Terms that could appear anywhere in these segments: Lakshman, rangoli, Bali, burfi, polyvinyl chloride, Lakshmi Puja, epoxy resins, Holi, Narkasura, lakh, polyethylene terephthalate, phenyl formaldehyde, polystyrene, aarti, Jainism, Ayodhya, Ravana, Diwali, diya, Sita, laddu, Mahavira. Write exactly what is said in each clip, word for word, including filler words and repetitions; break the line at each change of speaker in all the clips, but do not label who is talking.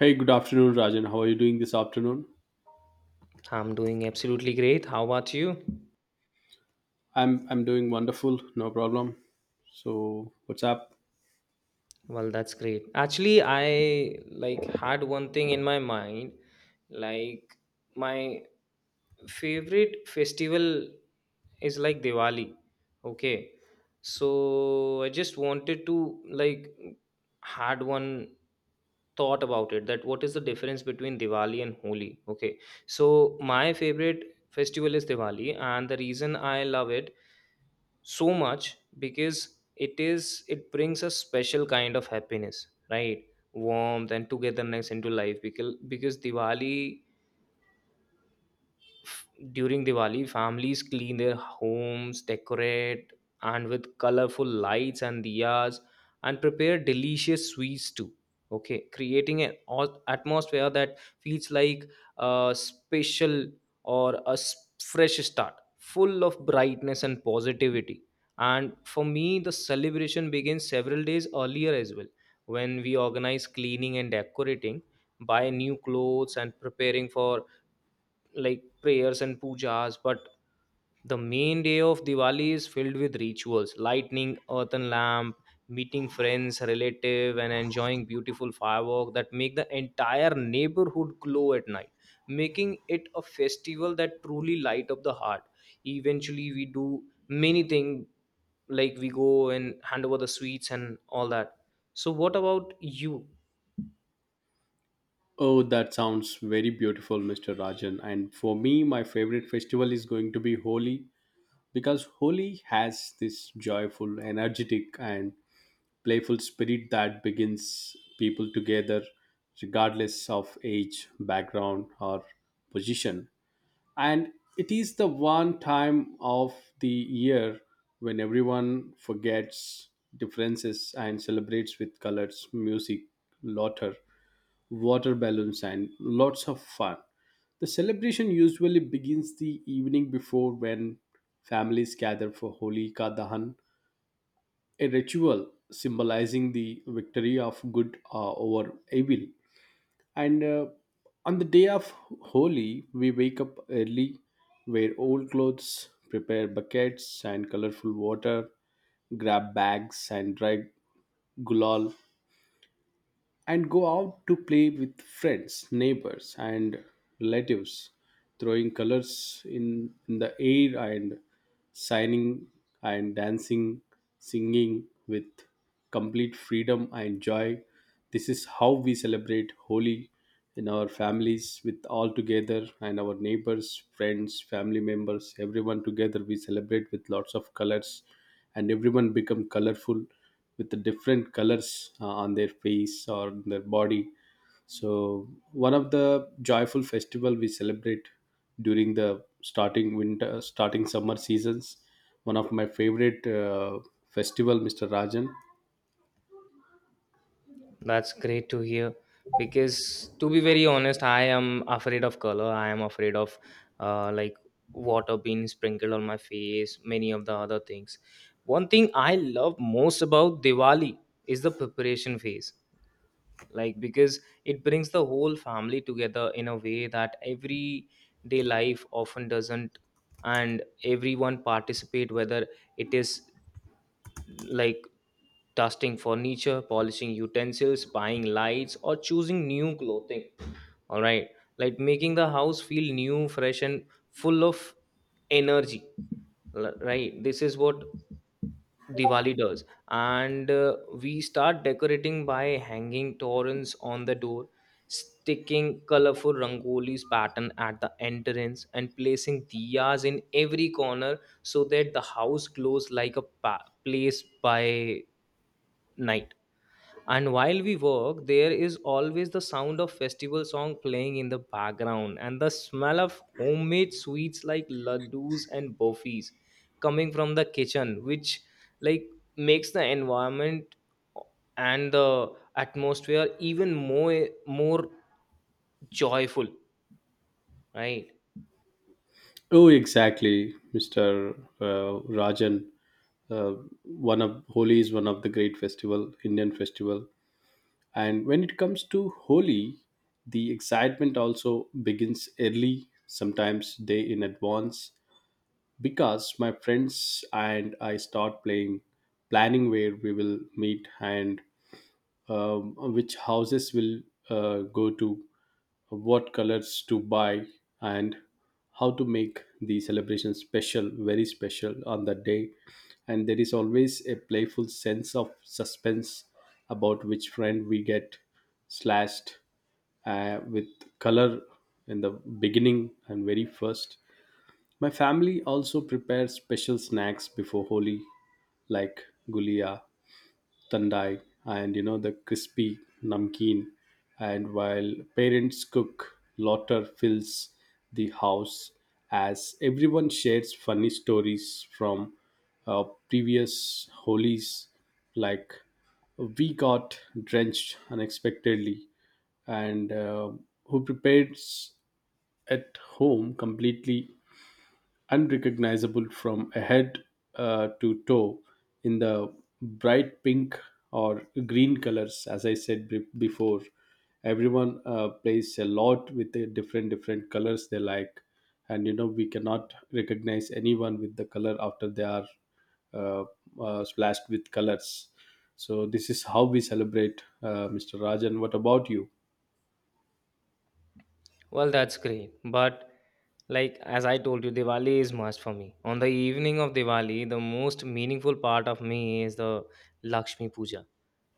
Hey, good afternoon, Rajan. How are you doing this afternoon?
I'm doing absolutely great. How about you?
I'm I'm doing wonderful, no problem. So, what's up?
Well, that's great. Actually, I like had one thing in my mind, like my favorite festival is like Diwali. Okay. So I just wanted to like had one thought about it, that what is the difference between Diwali and Holi? Okay. So my favorite festival is Diwali, and the reason I love it so much because it is it brings a special kind of happiness, right, warmth and togetherness into life, because because Diwali, f- during Diwali, families clean their homes, decorate, and with colorful lights and diyas, and prepare delicious sweets too. Okay, creating an au- atmosphere that feels like a special or a s- fresh start, full of brightness and positivity. And for me, the celebration begins several days earlier as well, when we organize cleaning and decorating, buy new clothes, and preparing for like prayers and pujas. But the main day of Diwali is filled with rituals, lighting earthen lamp, meeting friends, relative, and enjoying beautiful firework that make the entire neighborhood glow at night, making it a festival that truly light up the heart. Eventually, we do many things, like we go and hand over the sweets and all that. So what about you?
Oh, that sounds very beautiful, mister Rajan. And for me, my favorite festival is going to be Holi because Holi has this joyful, energetic, and playful spirit that begins people together regardless of age, background, or position. And it is the one time of the year when everyone forgets differences and celebrates with colors, music, laughter, water balloons, and lots of fun. The celebration usually begins the evening before, when families gather for Holi Ka Dahan, a ritual symbolizing the victory of good uh, over evil. And uh, On the day of Holi, we wake up early, wear old clothes, prepare buckets and colorful water, grab bags and dry gulal, and go out to play with friends, neighbors, and relatives, throwing colors in, in the air and signing and dancing, singing with complete freedom and joy. This is how we celebrate Holi in our families, with all together, and our neighbors, friends, family members, everyone together. We celebrate with lots of colors, and everyone become colorful with the different colors uh, on their face or their body. So one of the joyful festival we celebrate during the starting winter, starting summer seasons, one of my favorite uh, festival, Mr. Rajan.
That's great to hear, because to be very honest, I am afraid of color. I am afraid of, uh, like, water being sprinkled on my face, many of the other things. One thing I love most about Diwali is the preparation phase. Like, because it brings the whole family together in a way that everyday life often doesn't, and everyone participate whether it is like dusting furniture, polishing utensils, buying lights, or choosing new clothing. All right, like making the house feel new, fresh, and full of energy. L- Right, this is what Diwali does. And uh, we start decorating by hanging torrents on the door, sticking colorful rangolis pattern at the entrance, and placing diyas in every corner so that the house glows like a pa- place by night. And while we work, there is always the sound of festival song playing in the background and the smell of homemade sweets like laddus and burfis coming from the kitchen, which, like, makes the environment and the atmosphere even more more joyful, right?
Oh, exactly, mr uh, rajan uh, One of Holi is one of the great festival, Indian festival. And when it comes to Holi, the excitement also begins early, sometimes day in advance, because my friends and I start playing, planning where we will meet, and um, which houses will uh, go to, what colors to buy, and how to make the celebration special, very special on that day. And there is always a playful sense of suspense about which friend we get slashed uh, with color in the beginning and very first. My family also prepares special snacks before Holi, like gulia, tandai, and you know, the crispy namkeen. And while parents cook, laughter fills the house as everyone shares funny stories from uh, previous holies, like we got drenched unexpectedly, and uh, who prepares at home completely unrecognizable from head uh, to toe in the bright pink or green colors. As I said be- before, everyone uh, plays a lot with the different different colors they like. And you know, we cannot recognize anyone with the color after they are uh, uh, splashed with colors. So this is how we celebrate, uh, Mr. Rajan. What about you?
Well, that's great, but like as I told you, Diwali is must for me. On the evening of Diwali, the most meaningful part of me is the Lakshmi Puja.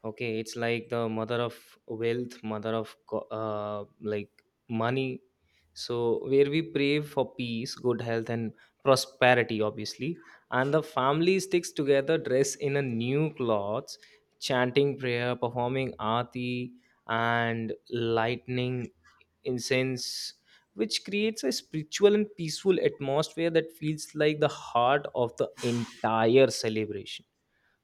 Okay, it's like the mother of wealth, mother of co- uh, like money. So where we pray for peace, good health, and prosperity obviously, and the family sticks together, dressed in a new clothes, chanting prayer, performing aarti, and lightning incense, which creates a spiritual and peaceful atmosphere that feels like the heart of the entire celebration,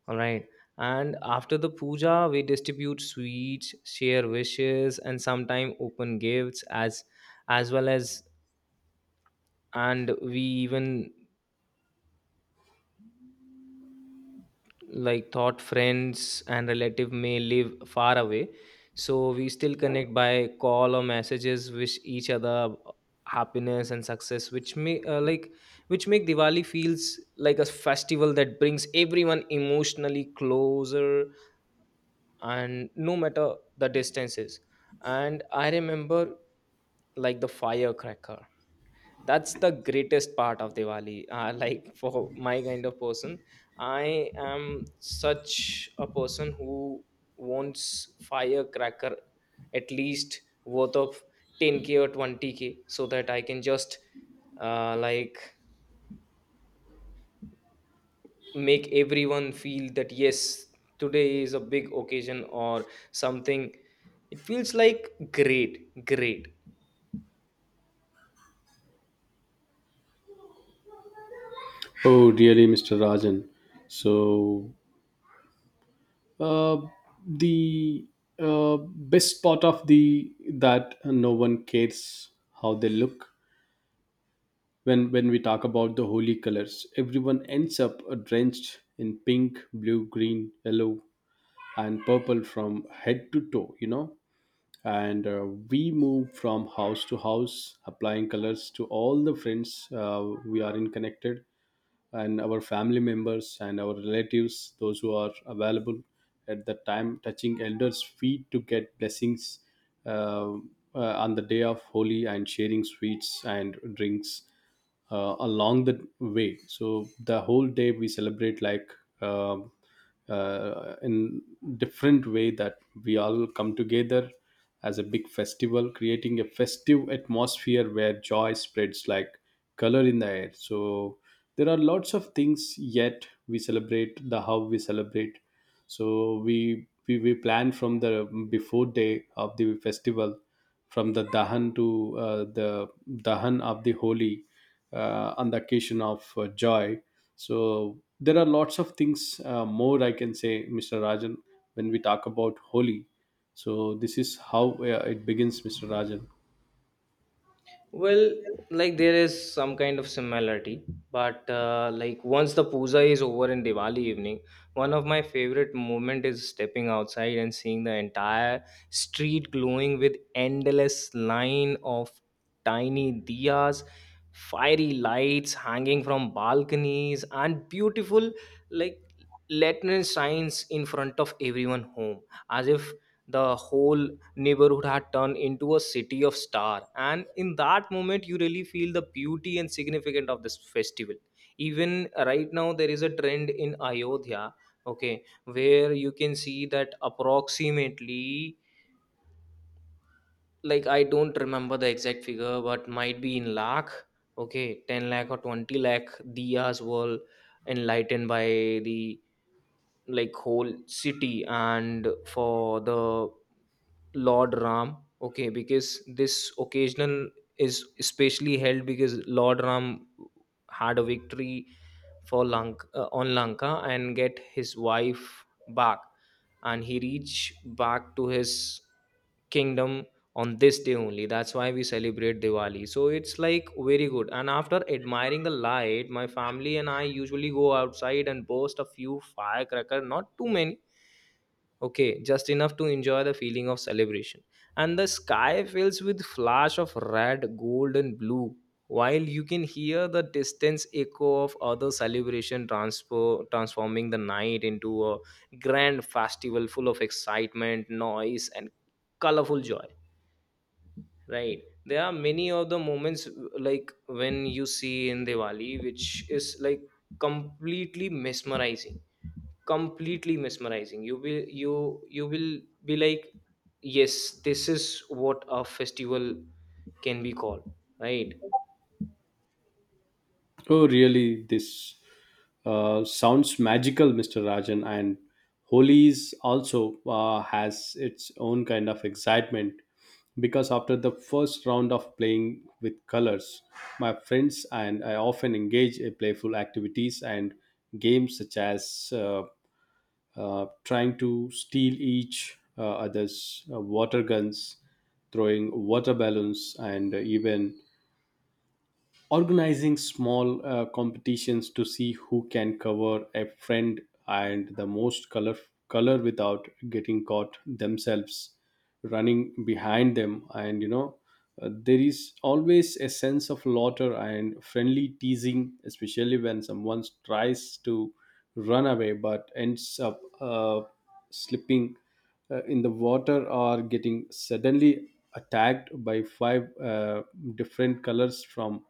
all right. And after the puja, we distribute sweets, share wishes, and sometimes open gifts as as well as, and we even like thought friends and relative may live far away. So we still connect by call or messages, wish each other happiness and success, which may, uh, like, which make Diwali feels like a festival that brings everyone emotionally closer and no matter the distances. And I remember like the firecracker, that's the greatest part of Diwali, uh, like for my kind of person. I am such a person who wants firecracker at least worth of ten k or twenty k, so that I can just, uh, like, make everyone feel that yes, today is a big occasion or something. It feels like great great
Oh, really, mr rajan So, uh, the uh, best part of the that no one cares how they look. When when we talk about the holy colors, everyone ends up uh, drenched in pink, blue, green, yellow, and purple from head to toe, you know. And uh, we move from house to house, applying colors to all the friends uh, we are in connected, and our family members and our relatives, those who are available at the time, touching elders' feet to get blessings uh, uh, on the day of holy, and sharing sweets and drinks uh, along the way. So the whole day we celebrate like. um uh, in different way that we all come together as a big festival, creating a festive atmosphere where joy spreads like color in the air. So there are lots of things yet we celebrate, the how we celebrate. So we we, we plan from the before day of the festival, from the dahan to uh, the dahan of the holy, uh, on the occasion of uh, joy. So there are lots of things uh, more I can say, Mr. Rajan, when we talk about holy. So this is how uh, it begins, Mr. Rajan.
Well, like there is some kind of similarity, but uh, like once the puja is over in Diwali evening, one of my favorite moment is stepping outside and seeing the entire street glowing with endless line of tiny diyas, fiery lights hanging from balconies, and beautiful, like, lantern signs in front of everyone home, as if the whole neighborhood had turned into a city of star. And in that moment you really feel the beauty and significance of this festival. Even right now there is a trend in Ayodhya, okay, where you can see that approximately, like, I don't remember the exact figure but might be in lakh. Okay, ten lakh or twenty lakh diyas were enlightened by the, like, whole city, and for the Lord Ram. Okay, because this occasional is especially held because Lord Ram had a victory for Lanka, uh, on Lanka, and get his wife back, and he reached back to his kingdom on this day only. That's why we celebrate Diwali, so it's like very good. And after admiring the light, my family and I usually go outside and burst a few firecracker, not too many. Okay, just enough to enjoy the feeling of celebration. And the sky fills with flash of red, gold, and blue, while you can hear the distant echo of other celebration transfer, transforming the night into a grand festival full of excitement, noise, and colorful joy. Right. There are many of the moments, like when you see in Diwali, which is like completely mesmerizing. Completely mesmerizing. You will you you will be like, yes, this is what a festival can be called. Right.
Oh, really? This uh, sounds magical, mister Rajan. And Holi is also uh, has its own kind of excitement because after the first round of playing with colors, my friends and I often engage in playful activities and games, such as uh, uh, trying to steal each uh, other's uh, water guns, throwing water balloons, and even organizing small uh, competitions to see who can cover a friend and the most color color without getting caught themselves, running behind them. And you know, uh, there is always a sense of laughter and friendly teasing, especially when someone tries to run away but ends up uh, slipping uh, in the water, or getting suddenly attacked by five uh, different colors from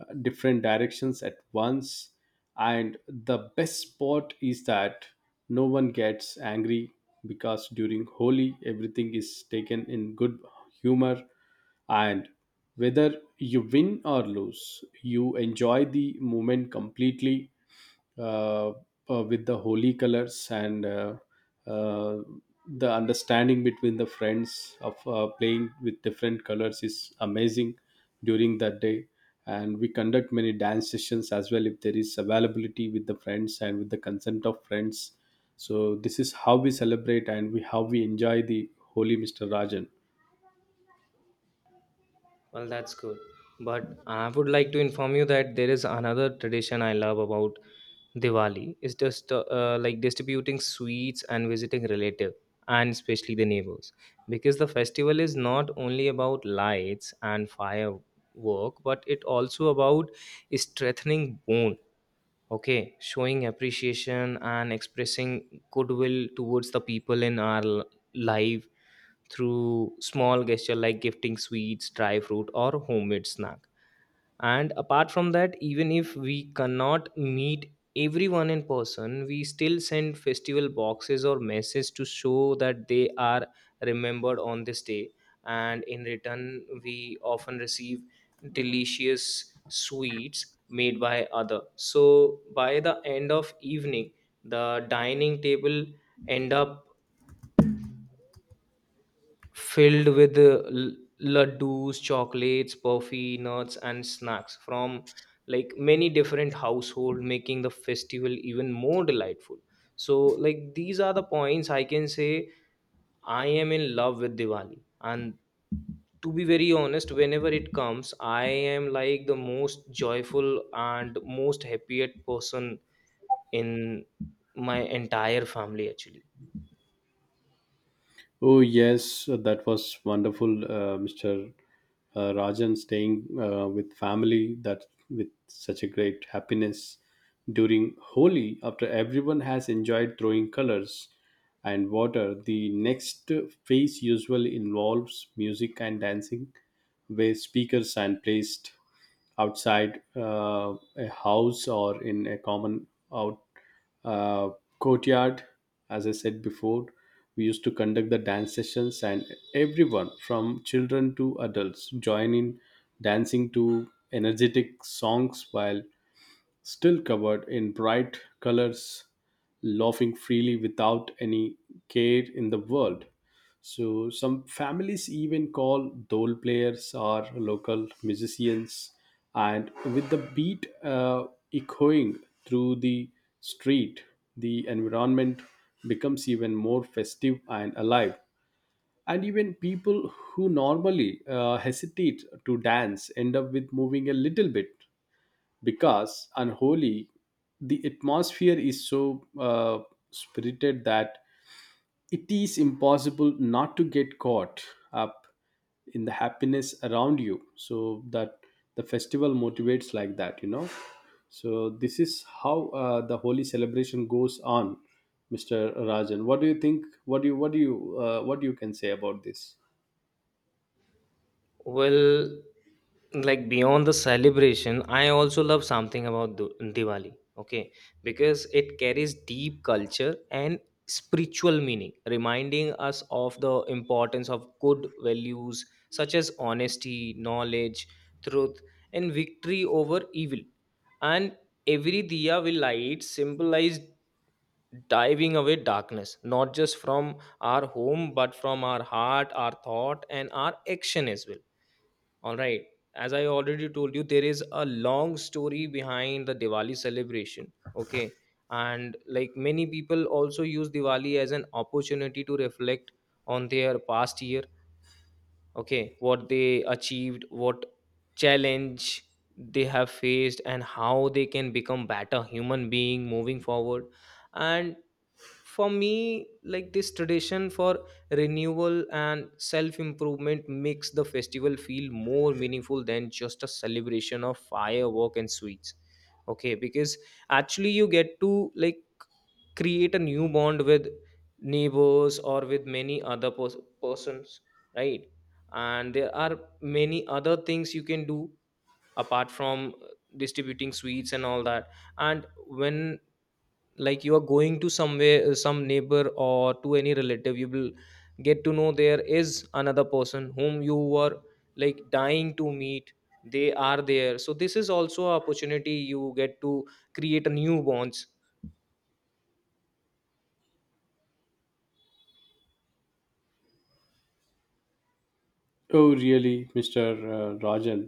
uh, different directions at once. And the best part is that no one gets angry because during Holi, everything is taken in good humor. And whether you win or lose, you enjoy the moment completely uh, uh, with the holy colors, and uh, uh, the understanding between the friends of uh, playing with different colors is amazing during that day. And we conduct many dance sessions as well, if there is availability with the friends and with the consent of friends. So this is how we celebrate and we how we enjoy the holy, Mr. Rajan.
Well, that's good. But I would like to inform you that there is another tradition I love about Diwali. It's just, uh, uh, like, distributing sweets and visiting relative, and especially the neighbors, because the festival is not only about lights and firework but it also about strengthening bond. Okay, showing appreciation and expressing goodwill towards the people in our l- life through small gesture like gifting sweets, dry fruit, or homemade snack. And apart from that, even if we cannot meet everyone in person, we still send festival boxes or messages to show that they are remembered on this day. And in return we often receive delicious sweets made by other, so by the end of evening the dining table end up filled with uh, l- laddus, chocolates, puffy nuts, and snacks from, like, many different household, making the festival even more delightful. So, like, these are the points I can say I am in love with Diwali, and to be very honest, whenever it comes, I am like the most joyful and most happiest person in my entire family actually.
Oh yes, uh, that was wonderful, uh, mister uh, Rajan, staying uh, with family that with such a great happiness during Holi. After everyone has enjoyed throwing colors and water, the next phase usually involves music and dancing, where speakers are placed outside uh, a house or in a common out uh, courtyard. As I said before, we used to conduct the dance sessions, and everyone from children to adults join in dancing to energetic songs while still covered in bright colors, laughing freely without any care in the world. So, some families even call dole players or local musicians, and with the beat uh, echoing through the street, the environment becomes even more festive and alive. And even people who normally uh, hesitate to dance end up with moving a little bit, because unholy the atmosphere is so uh, spirited that it is impossible not to get caught up in the happiness around you. So that the festival motivates like that, you know. So this is how uh, the holy celebration goes on, Mr. Rajan. What do you think? What do you, what do you uh, what you can say about this?
Well, like beyond the celebration, I also love something about Du- Diwali, okay? Because it carries deep culture and spiritual meaning, reminding us of the importance of good values such as honesty, knowledge, truth, and victory over evil. And every diya we light symbolizes diving away darkness, not just from our home, but from our heart, our thought, and our action as well, all right. As I already told you, there is a long story behind the Diwali celebration. Okay. And like many people also use Diwali as an opportunity to reflect on their past year. Okay. What they achieved, what challenge they have faced, and how they can become better human being moving forward. And for me, like, this tradition for renewal and self improvement makes the festival feel more meaningful than just a celebration of firework and sweets. Okay, because actually you get to like create a new bond with neighbors or with many other pers- persons, right. And there are many other things you can do apart from distributing sweets and all that. And when, like, you are going to somewhere, uh, some neighbor or to any relative, you will get to know there is another person whom you were like dying to meet, they are there, so this is also an opportunity you get to create a new bonds.
Oh, really, mr uh, rajan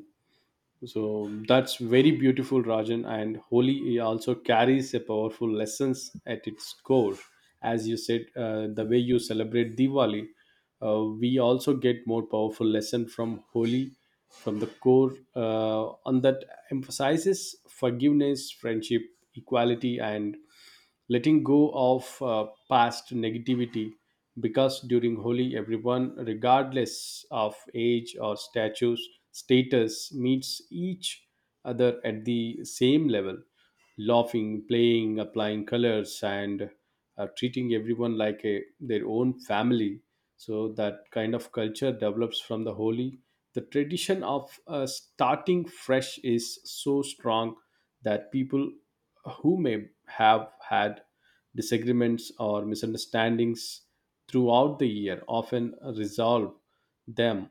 So that's very beautiful, Rajan. And Holi also carries a powerful lessons at its core. As you said, uh, the way you celebrate Diwali, uh, we also get more powerful lesson from Holi, from the core, uh, on that emphasizes forgiveness, friendship, equality, and letting go of uh, past negativity, because during Holi, everyone, regardless of age or status, status, meets each other at the same level, laughing, playing, applying colors, and uh, treating everyone like a, their own family. So that kind of culture develops from the Holi. The tradition of uh, starting fresh is so strong that people who may have had disagreements or misunderstandings throughout the year often resolve them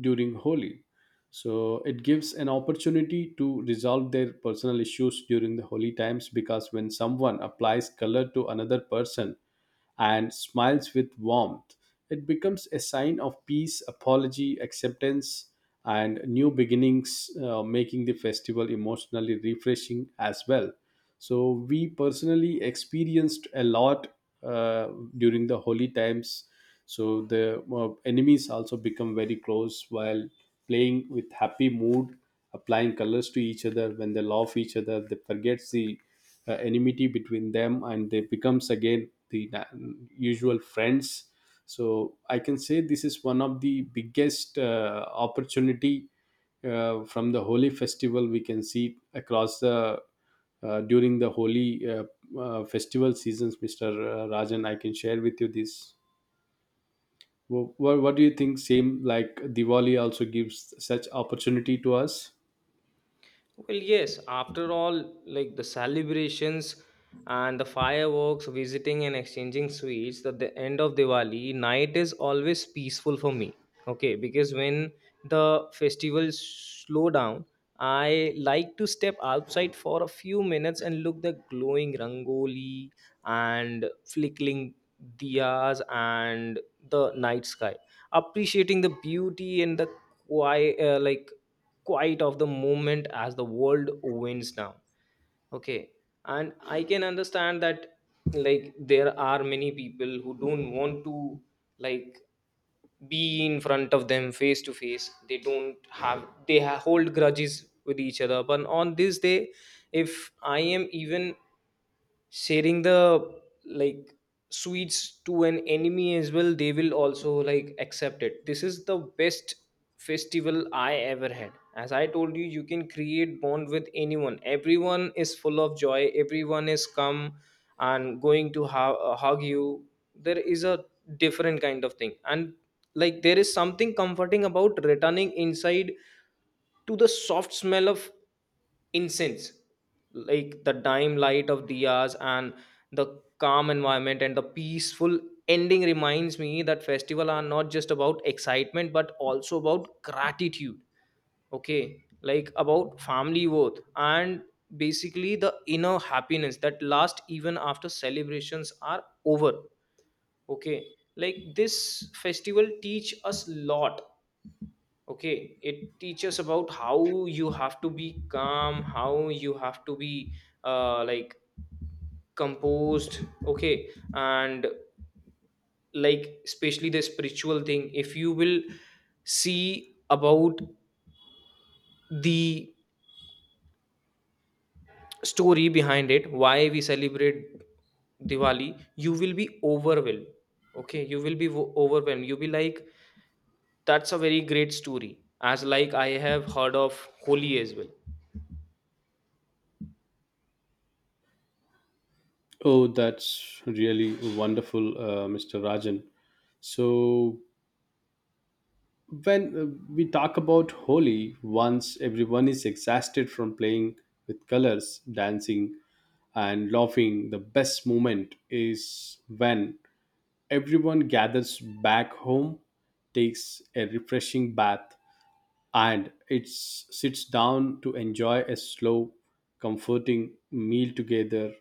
during Holi. So it gives an opportunity to resolve their personal issues during the holy times, because when someone applies color to another person and smiles with warmth, it becomes a sign of peace, apology, acceptance, and new beginnings, uh, making the festival emotionally refreshing as well. So, we personally experienced a lot uh, during the holy times. So, the uh, enemies also become very close while playing with happy mood, applying colors to each other. When they love each other, they forget the uh, enmity between them, and they becomes again the na- usual friends. So I can say this is one of the biggest uh, opportunity uh, from the holy festival we can see across the uh, during the holy uh, uh, festival seasons, Mr. Rajan. I can share with you this. what, what do you think, same like Diwali also gives such opportunity to us?
Well, yes, after all, like the celebrations and the fireworks, visiting and exchanging sweets, that the end of Diwali night is always peaceful for me. Okay, because when the festivals slow down, I like to step outside for a few minutes and look the glowing rangoli and flickering diyas and the night sky, appreciating the beauty and the quiet, uh, like Quite of the moment as the world winds down. Okay, and I can understand that, like, there are many people who don't want to, like, be in front of them face to face. They don't have, they ha- hold grudges with each other, but on this day, if I am even sharing the, like, sweets to an enemy as well, they will also like accept it. This is the best festival I ever had. As I told you, you can create bond with anyone. Everyone is full of joy, everyone is come and going to hu- uh, hug you. There is a different kind of thing. And like there is something comforting about returning inside to the soft smell of incense, like the dim light of diyas and the calm environment, and the peaceful ending reminds me that festival are not just about excitement but also about gratitude. Okay, like about family worth and basically the inner happiness that lasts even after celebrations are over. Okay, like this festival teach us lot. Okay, it teaches about how you have to be calm, how you have to be uh, like composed. Okay, and like especially the spiritual thing, if you will see about the story behind it, why we celebrate Diwali, you will be overwhelmed. Okay, you will be wo- overwhelmed. You'll be like, that's a very great story. As like I have heard of Holi as well.
Oh, that's really wonderful, uh, mister Rajan. So, when uh, we talk about Holi, once everyone is exhausted from playing with colors, dancing, and laughing, the best moment is when everyone gathers back home, takes a refreshing bath, and it sits down to enjoy a slow, comforting meal together,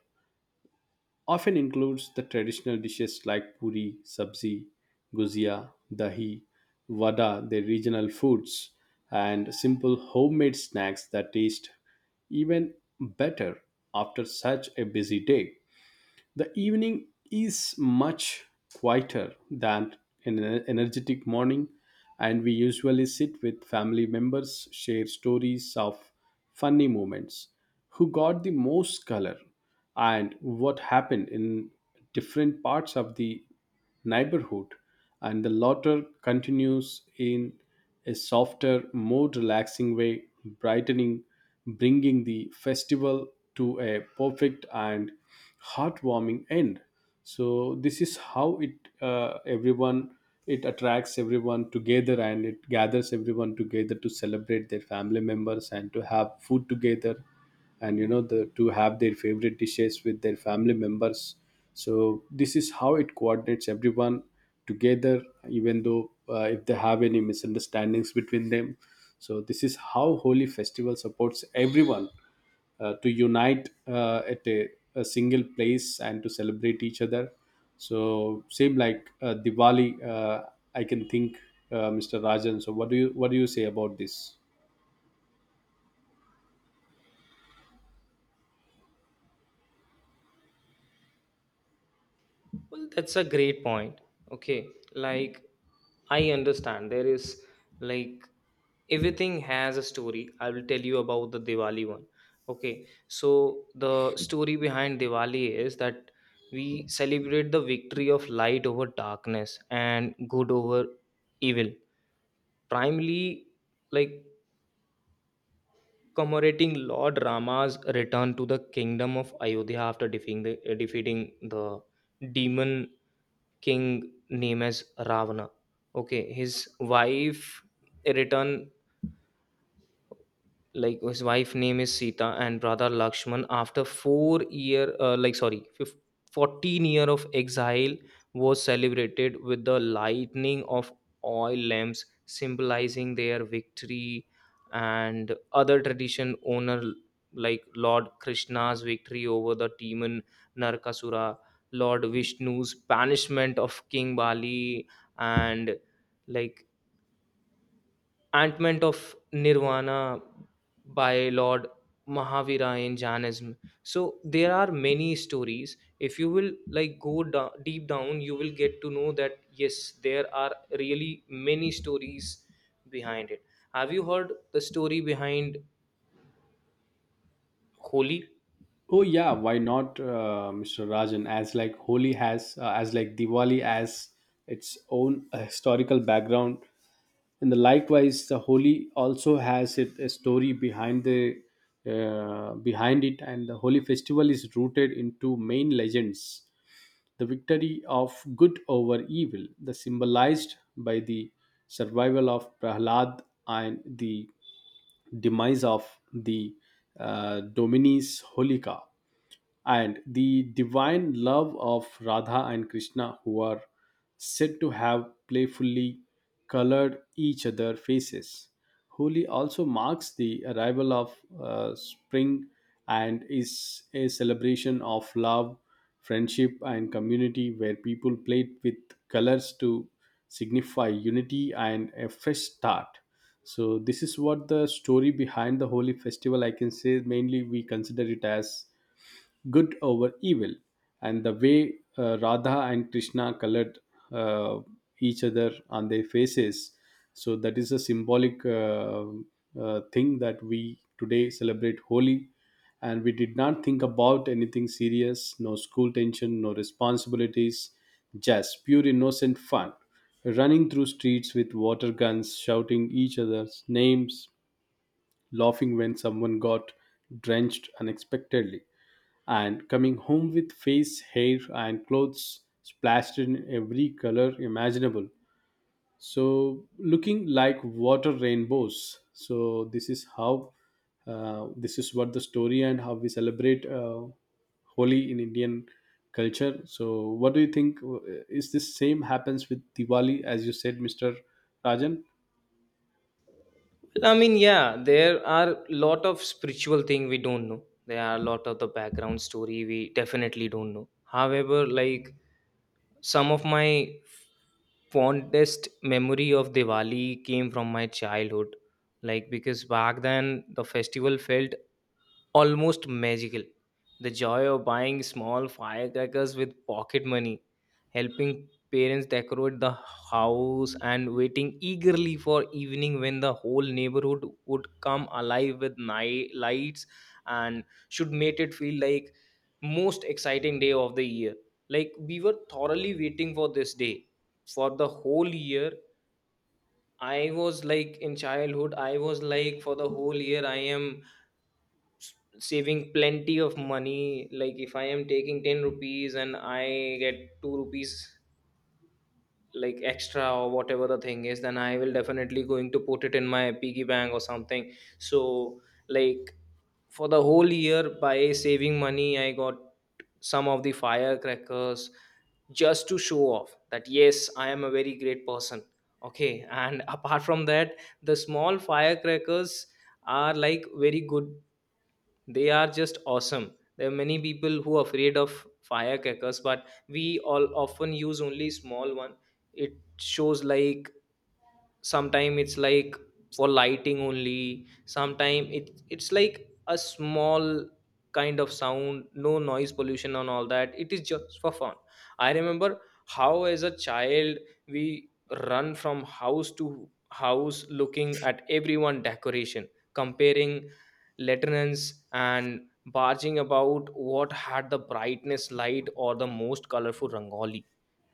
often includes the traditional dishes like puri, sabzi, guzia, dahi, vada, the regional foods, and simple homemade snacks that taste even better after such a busy day. The evening is much quieter than an ener- energetic morning, and we usually sit with family members, share stories of funny moments, who got the most color, and what happened in different parts of the neighborhood, and the latter continues in a softer, more relaxing way, brightening, bringing the festival to a perfect and heartwarming end. So this is how it uh, everyone it attracts everyone together and it gathers everyone together to celebrate their family members and to have food together and you know the to have their favorite dishes with their family members, so this is how it coordinates everyone together, even though uh, if they have any misunderstandings between them. So this is how holy festival supports everyone, uh, to unite uh, at a, a single place and to celebrate each other. So same like uh, Diwali, uh, I can think, uh, mister Rajan. So what do you what do you say about this?
Well, that's a great point. Okay, like I understand there is, like, everything has a story. I will tell you about the Diwali one. Okay, so the story behind Diwali is that we celebrate the victory of light over darkness and good over evil, primarily, like, commemorating Lord Rama's return to the kingdom of Ayodhya after defeating the, defeating the demon king name as Ravana. Okay, his wife return, like his wife name is Sita, and brother Lakshman after four year uh, like sorry fif- fourteen year of exile was celebrated with the lightning of oil lamps symbolizing their victory. And other tradition honor, like Lord Krishna's victory over the demon Narkasura, Lord Vishnu's banishment of King Bali, and like ant of Nirvana by Lord Mahavira in Jainism. So there are many stories. If you will like go da- deep down, you will get to know that, yes, there are really many stories behind it. Have you heard the story behind Holi?
Oh yeah, why not, uh, mister Rajan? As like Holi has, uh, as like Diwali has its own uh, historical background, and the likewise, the Holi also has it, a story behind the uh, behind it, and the Holi festival is rooted into main legends: the victory of good over evil, the symbolized by the survival of Prahlad and the demise of the uh, Dominis Holika and the divine love of Radha and Krishna, who are said to have playfully colored each other faces. Holi also marks the arrival of uh, spring and is a celebration of love, friendship, and community where people played with colors to signify unity and a fresh start. So, this is what the story behind the Holi festival. I can say mainly we consider it as good over evil and the way uh, Radha and Krishna colored uh, each other on their faces, so that is a symbolic uh, uh, thing that we today celebrate Holi, and we did not think about anything serious, no school tension, no responsibilities, just pure innocent fun, running through streets with water guns, shouting each other's names, laughing when someone got drenched unexpectedly, and coming home with face, hair, and clothes splashed in every color imaginable. So, looking like water rainbows. So, this is how, uh, this is what the story and how we celebrate uh, Holi in Indian culture. So, what do you think? uh, Is this same happens with Diwali, as you said, mister Rajan?
Well, I mean, yeah, there are lot of spiritual thing we don't know. There are a lot of the background story we definitely don't know. However, like some of my fondest memory of Diwali came from my childhood. Like, because back then the festival felt almost magical. The joy of buying small firecrackers with pocket money, helping parents decorate the house, and waiting eagerly for evening when the whole neighborhood would come alive with night lights and should make it feel like most exciting day of the year. Like we were thoroughly waiting for this day for the whole year. I was like in childhood, I was like for the whole year I am s- saving plenty of money. Like if I am taking ten rupees and I get two rupees like extra or whatever the thing is, then I will definitely going to put it in my piggy bank or something. So like for the whole year by saving money, I got some of the firecrackers just to show off that yes, I am a very great person. Okay, and apart from that, the small firecrackers are like very good, they are just awesome. There are many people who are afraid of firecrackers, but we all often use only small one. It shows like sometime it's like for lighting only, sometime it it's like a small kind of sound, no noise pollution and all that, it is just for fun. I remember how as a child we run from house to house looking at everyone decoration, comparing lanterns and barging about what had the brightness light or the most colorful rangoli.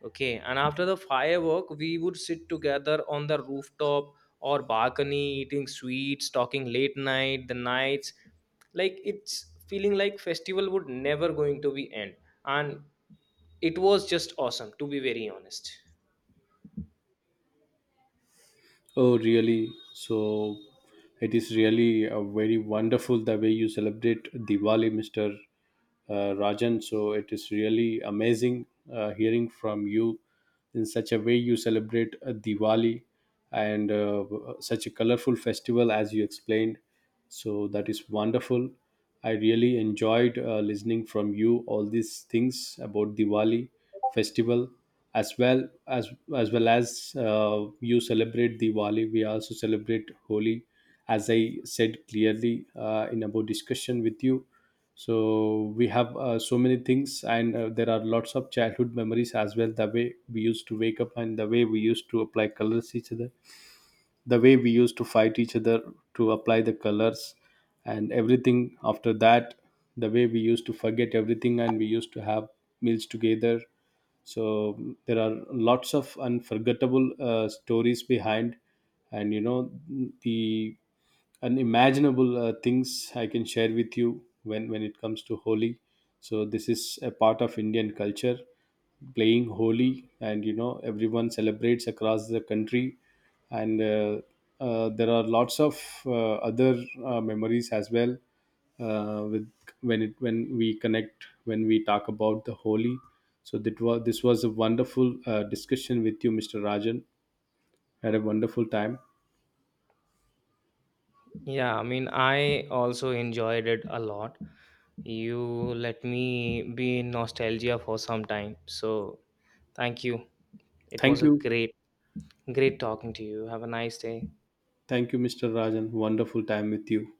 Okay, and after the firework, we would sit together on the rooftop or balcony, eating sweets, talking late night, the nights. Like it's feeling like festival would never going to be end. And it was just awesome, to be very honest.
Oh, really? So it is really a very wonderful the way you celebrate Diwali, mister Uh, Rajan. So it is really amazing, uh, hearing from you, in such a way you celebrate uh, Diwali, and uh, such a colorful festival as you explained, so that is wonderful. I really enjoyed uh, listening from you all these things about Diwali festival, as well as as well as uh, you celebrate Diwali, we also celebrate Holi, as I said clearly uh, in our discussion with you. So we have uh, so many things, and uh, there are lots of childhood memories as well, the way we used to wake up, and the way we used to apply colors each other, the way we used to fight each other to apply the colors, and everything after that, the way we used to forget everything, and we used to have meals together. So mm, there are lots of unforgettable uh, stories behind, and you know, the unimaginable uh, things I can share with you when when it comes to Holi. So this is a part of Indian culture, playing Holi, and you know, everyone celebrates across the country. And uh, uh, there are lots of uh, other uh, memories as well, uh, with when it when we connect, when we talk about the Holy. So that was this was a wonderful uh, discussion with you, Mr. Rajan. Had a wonderful time.
Yeah, I mean, I also enjoyed it a lot. You let me be in nostalgia for some time. So thank you. It
Thank
was a
you.
great, great talking to you. Have a nice day.
Thank you, Mr. Rajan. Wonderful time with you.